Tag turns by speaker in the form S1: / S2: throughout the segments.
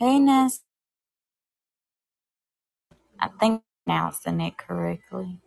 S1: Payness, I think I pronounced it correctly.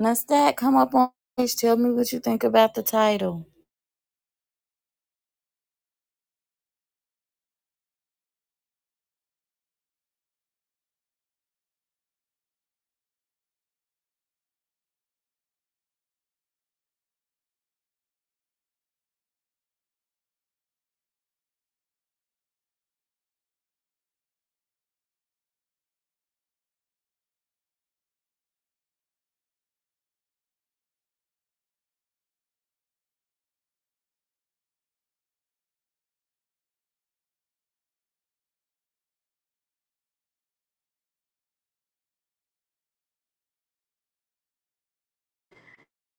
S1: Lestat, come up on stage. Tell me what you think about the title.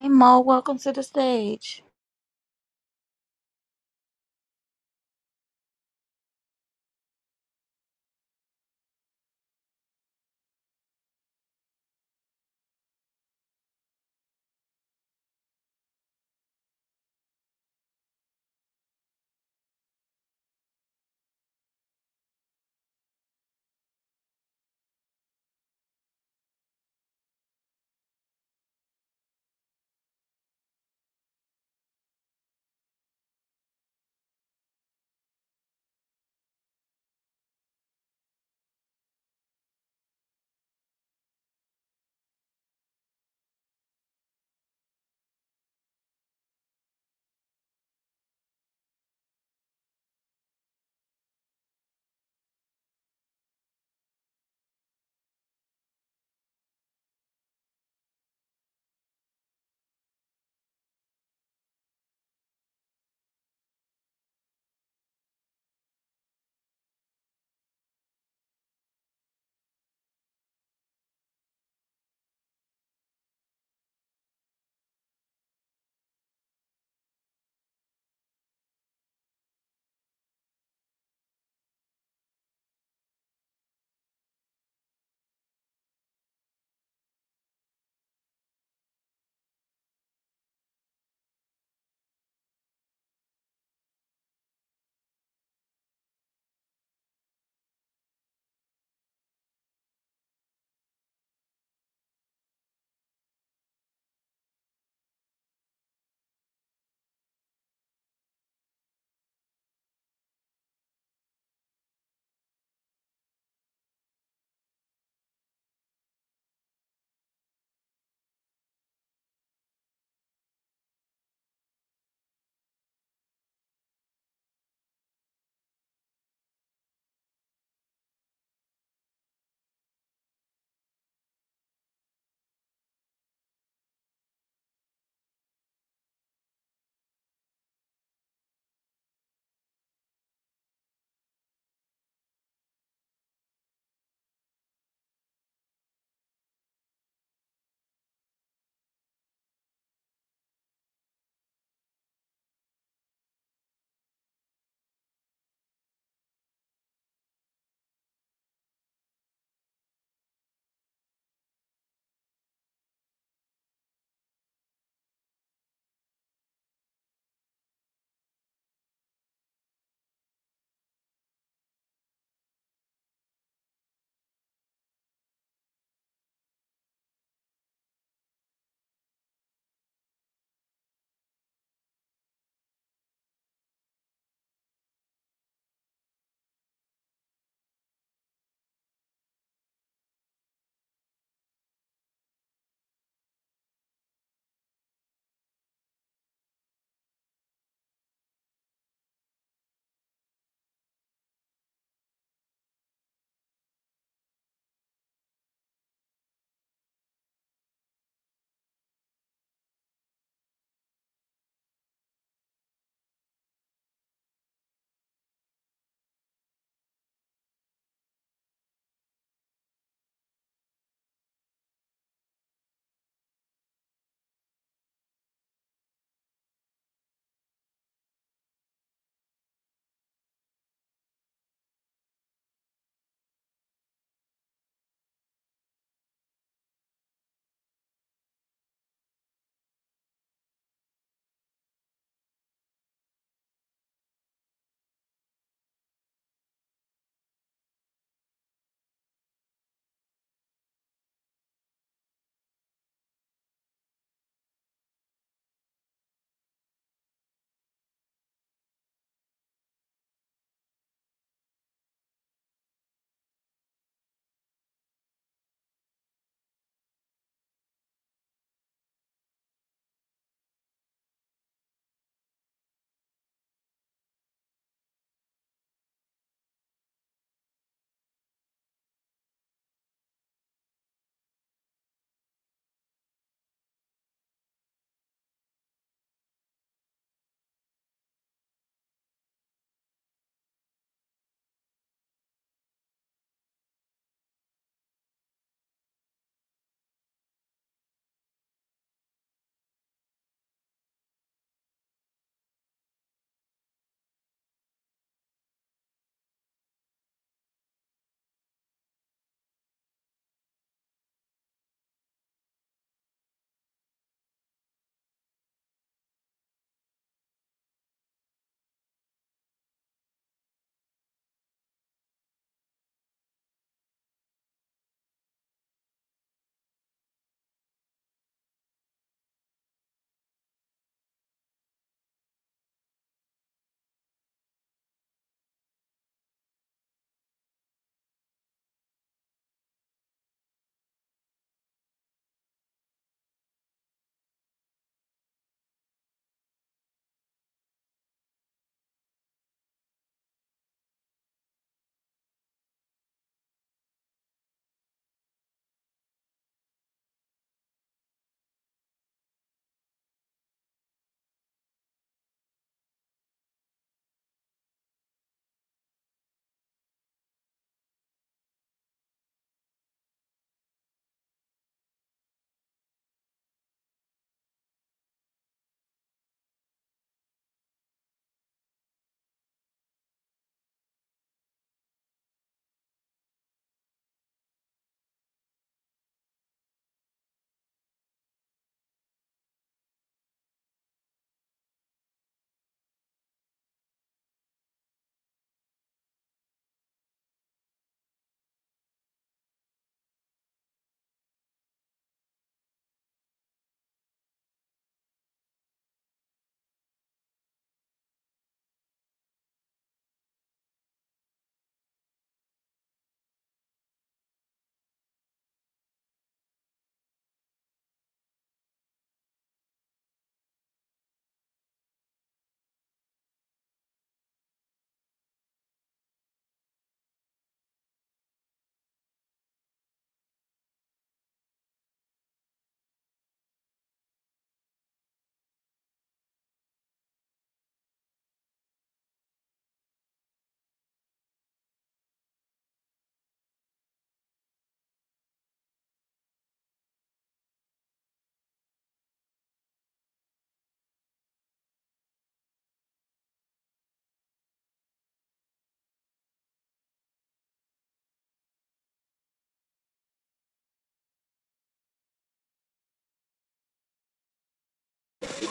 S1: Hey Mo, welcome to the stage.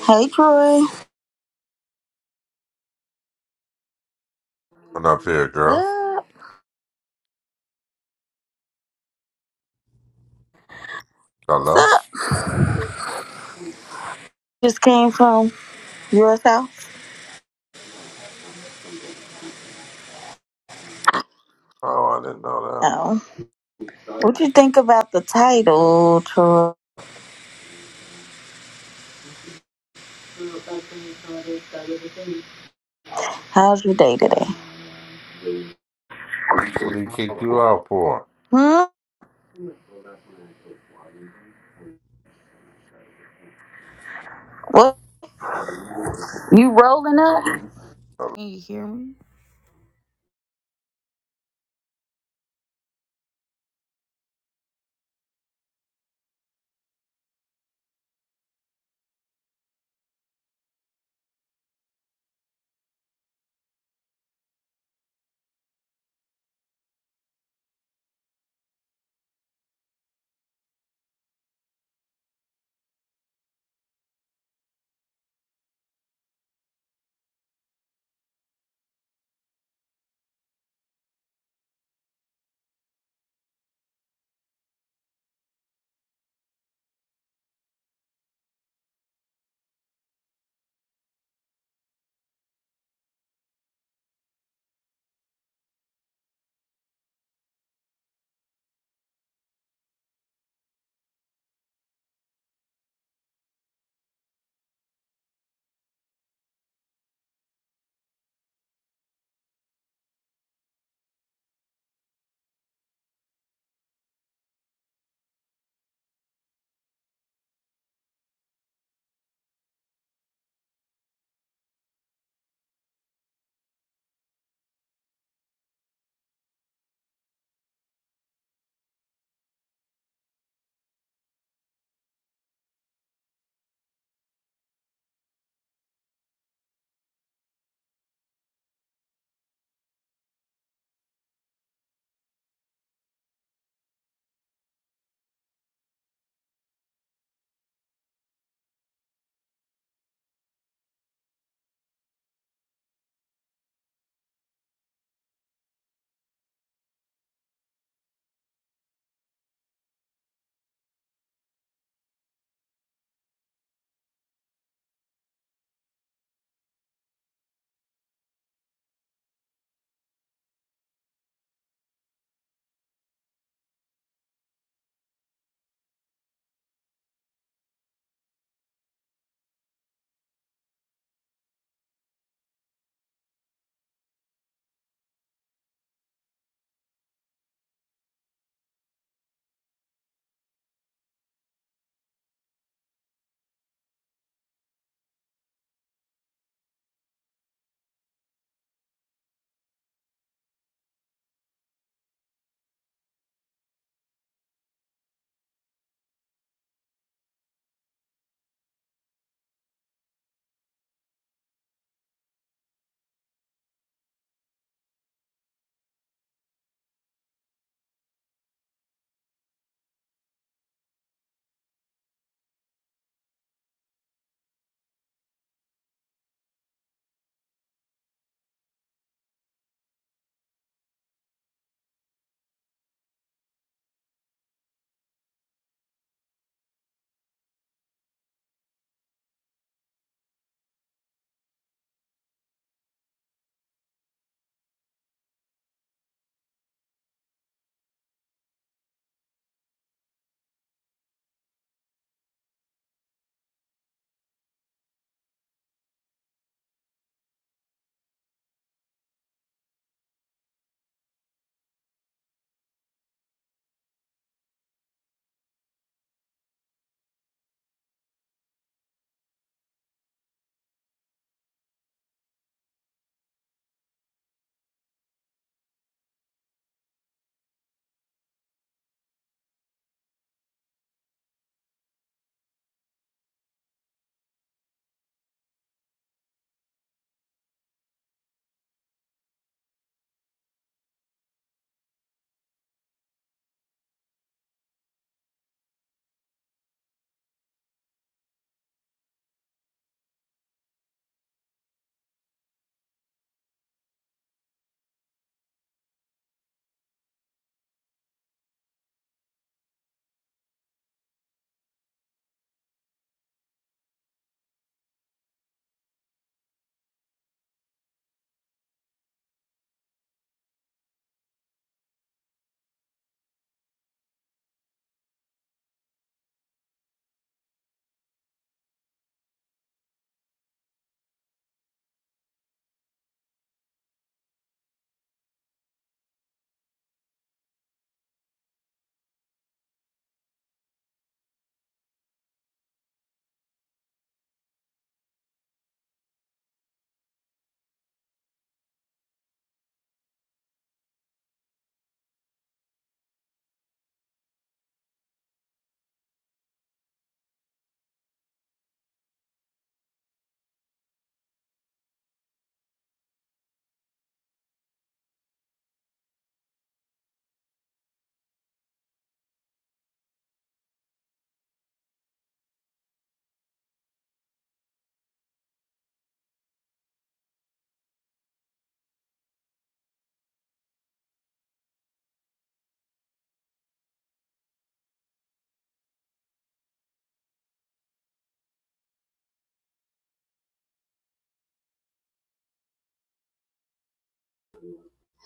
S1: Hey Troy,
S2: Went up here,
S1: What's
S2: girl.
S1: Up. what's
S2: Hello?
S1: up? Just came from your house.
S2: Oh, I didn't know that.
S1: Oh, what you think about the title, Troy? How's your day today?
S2: What did he kick you out for?
S1: Hmm. What You rolling up? Can you hear me?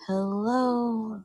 S1: Hello.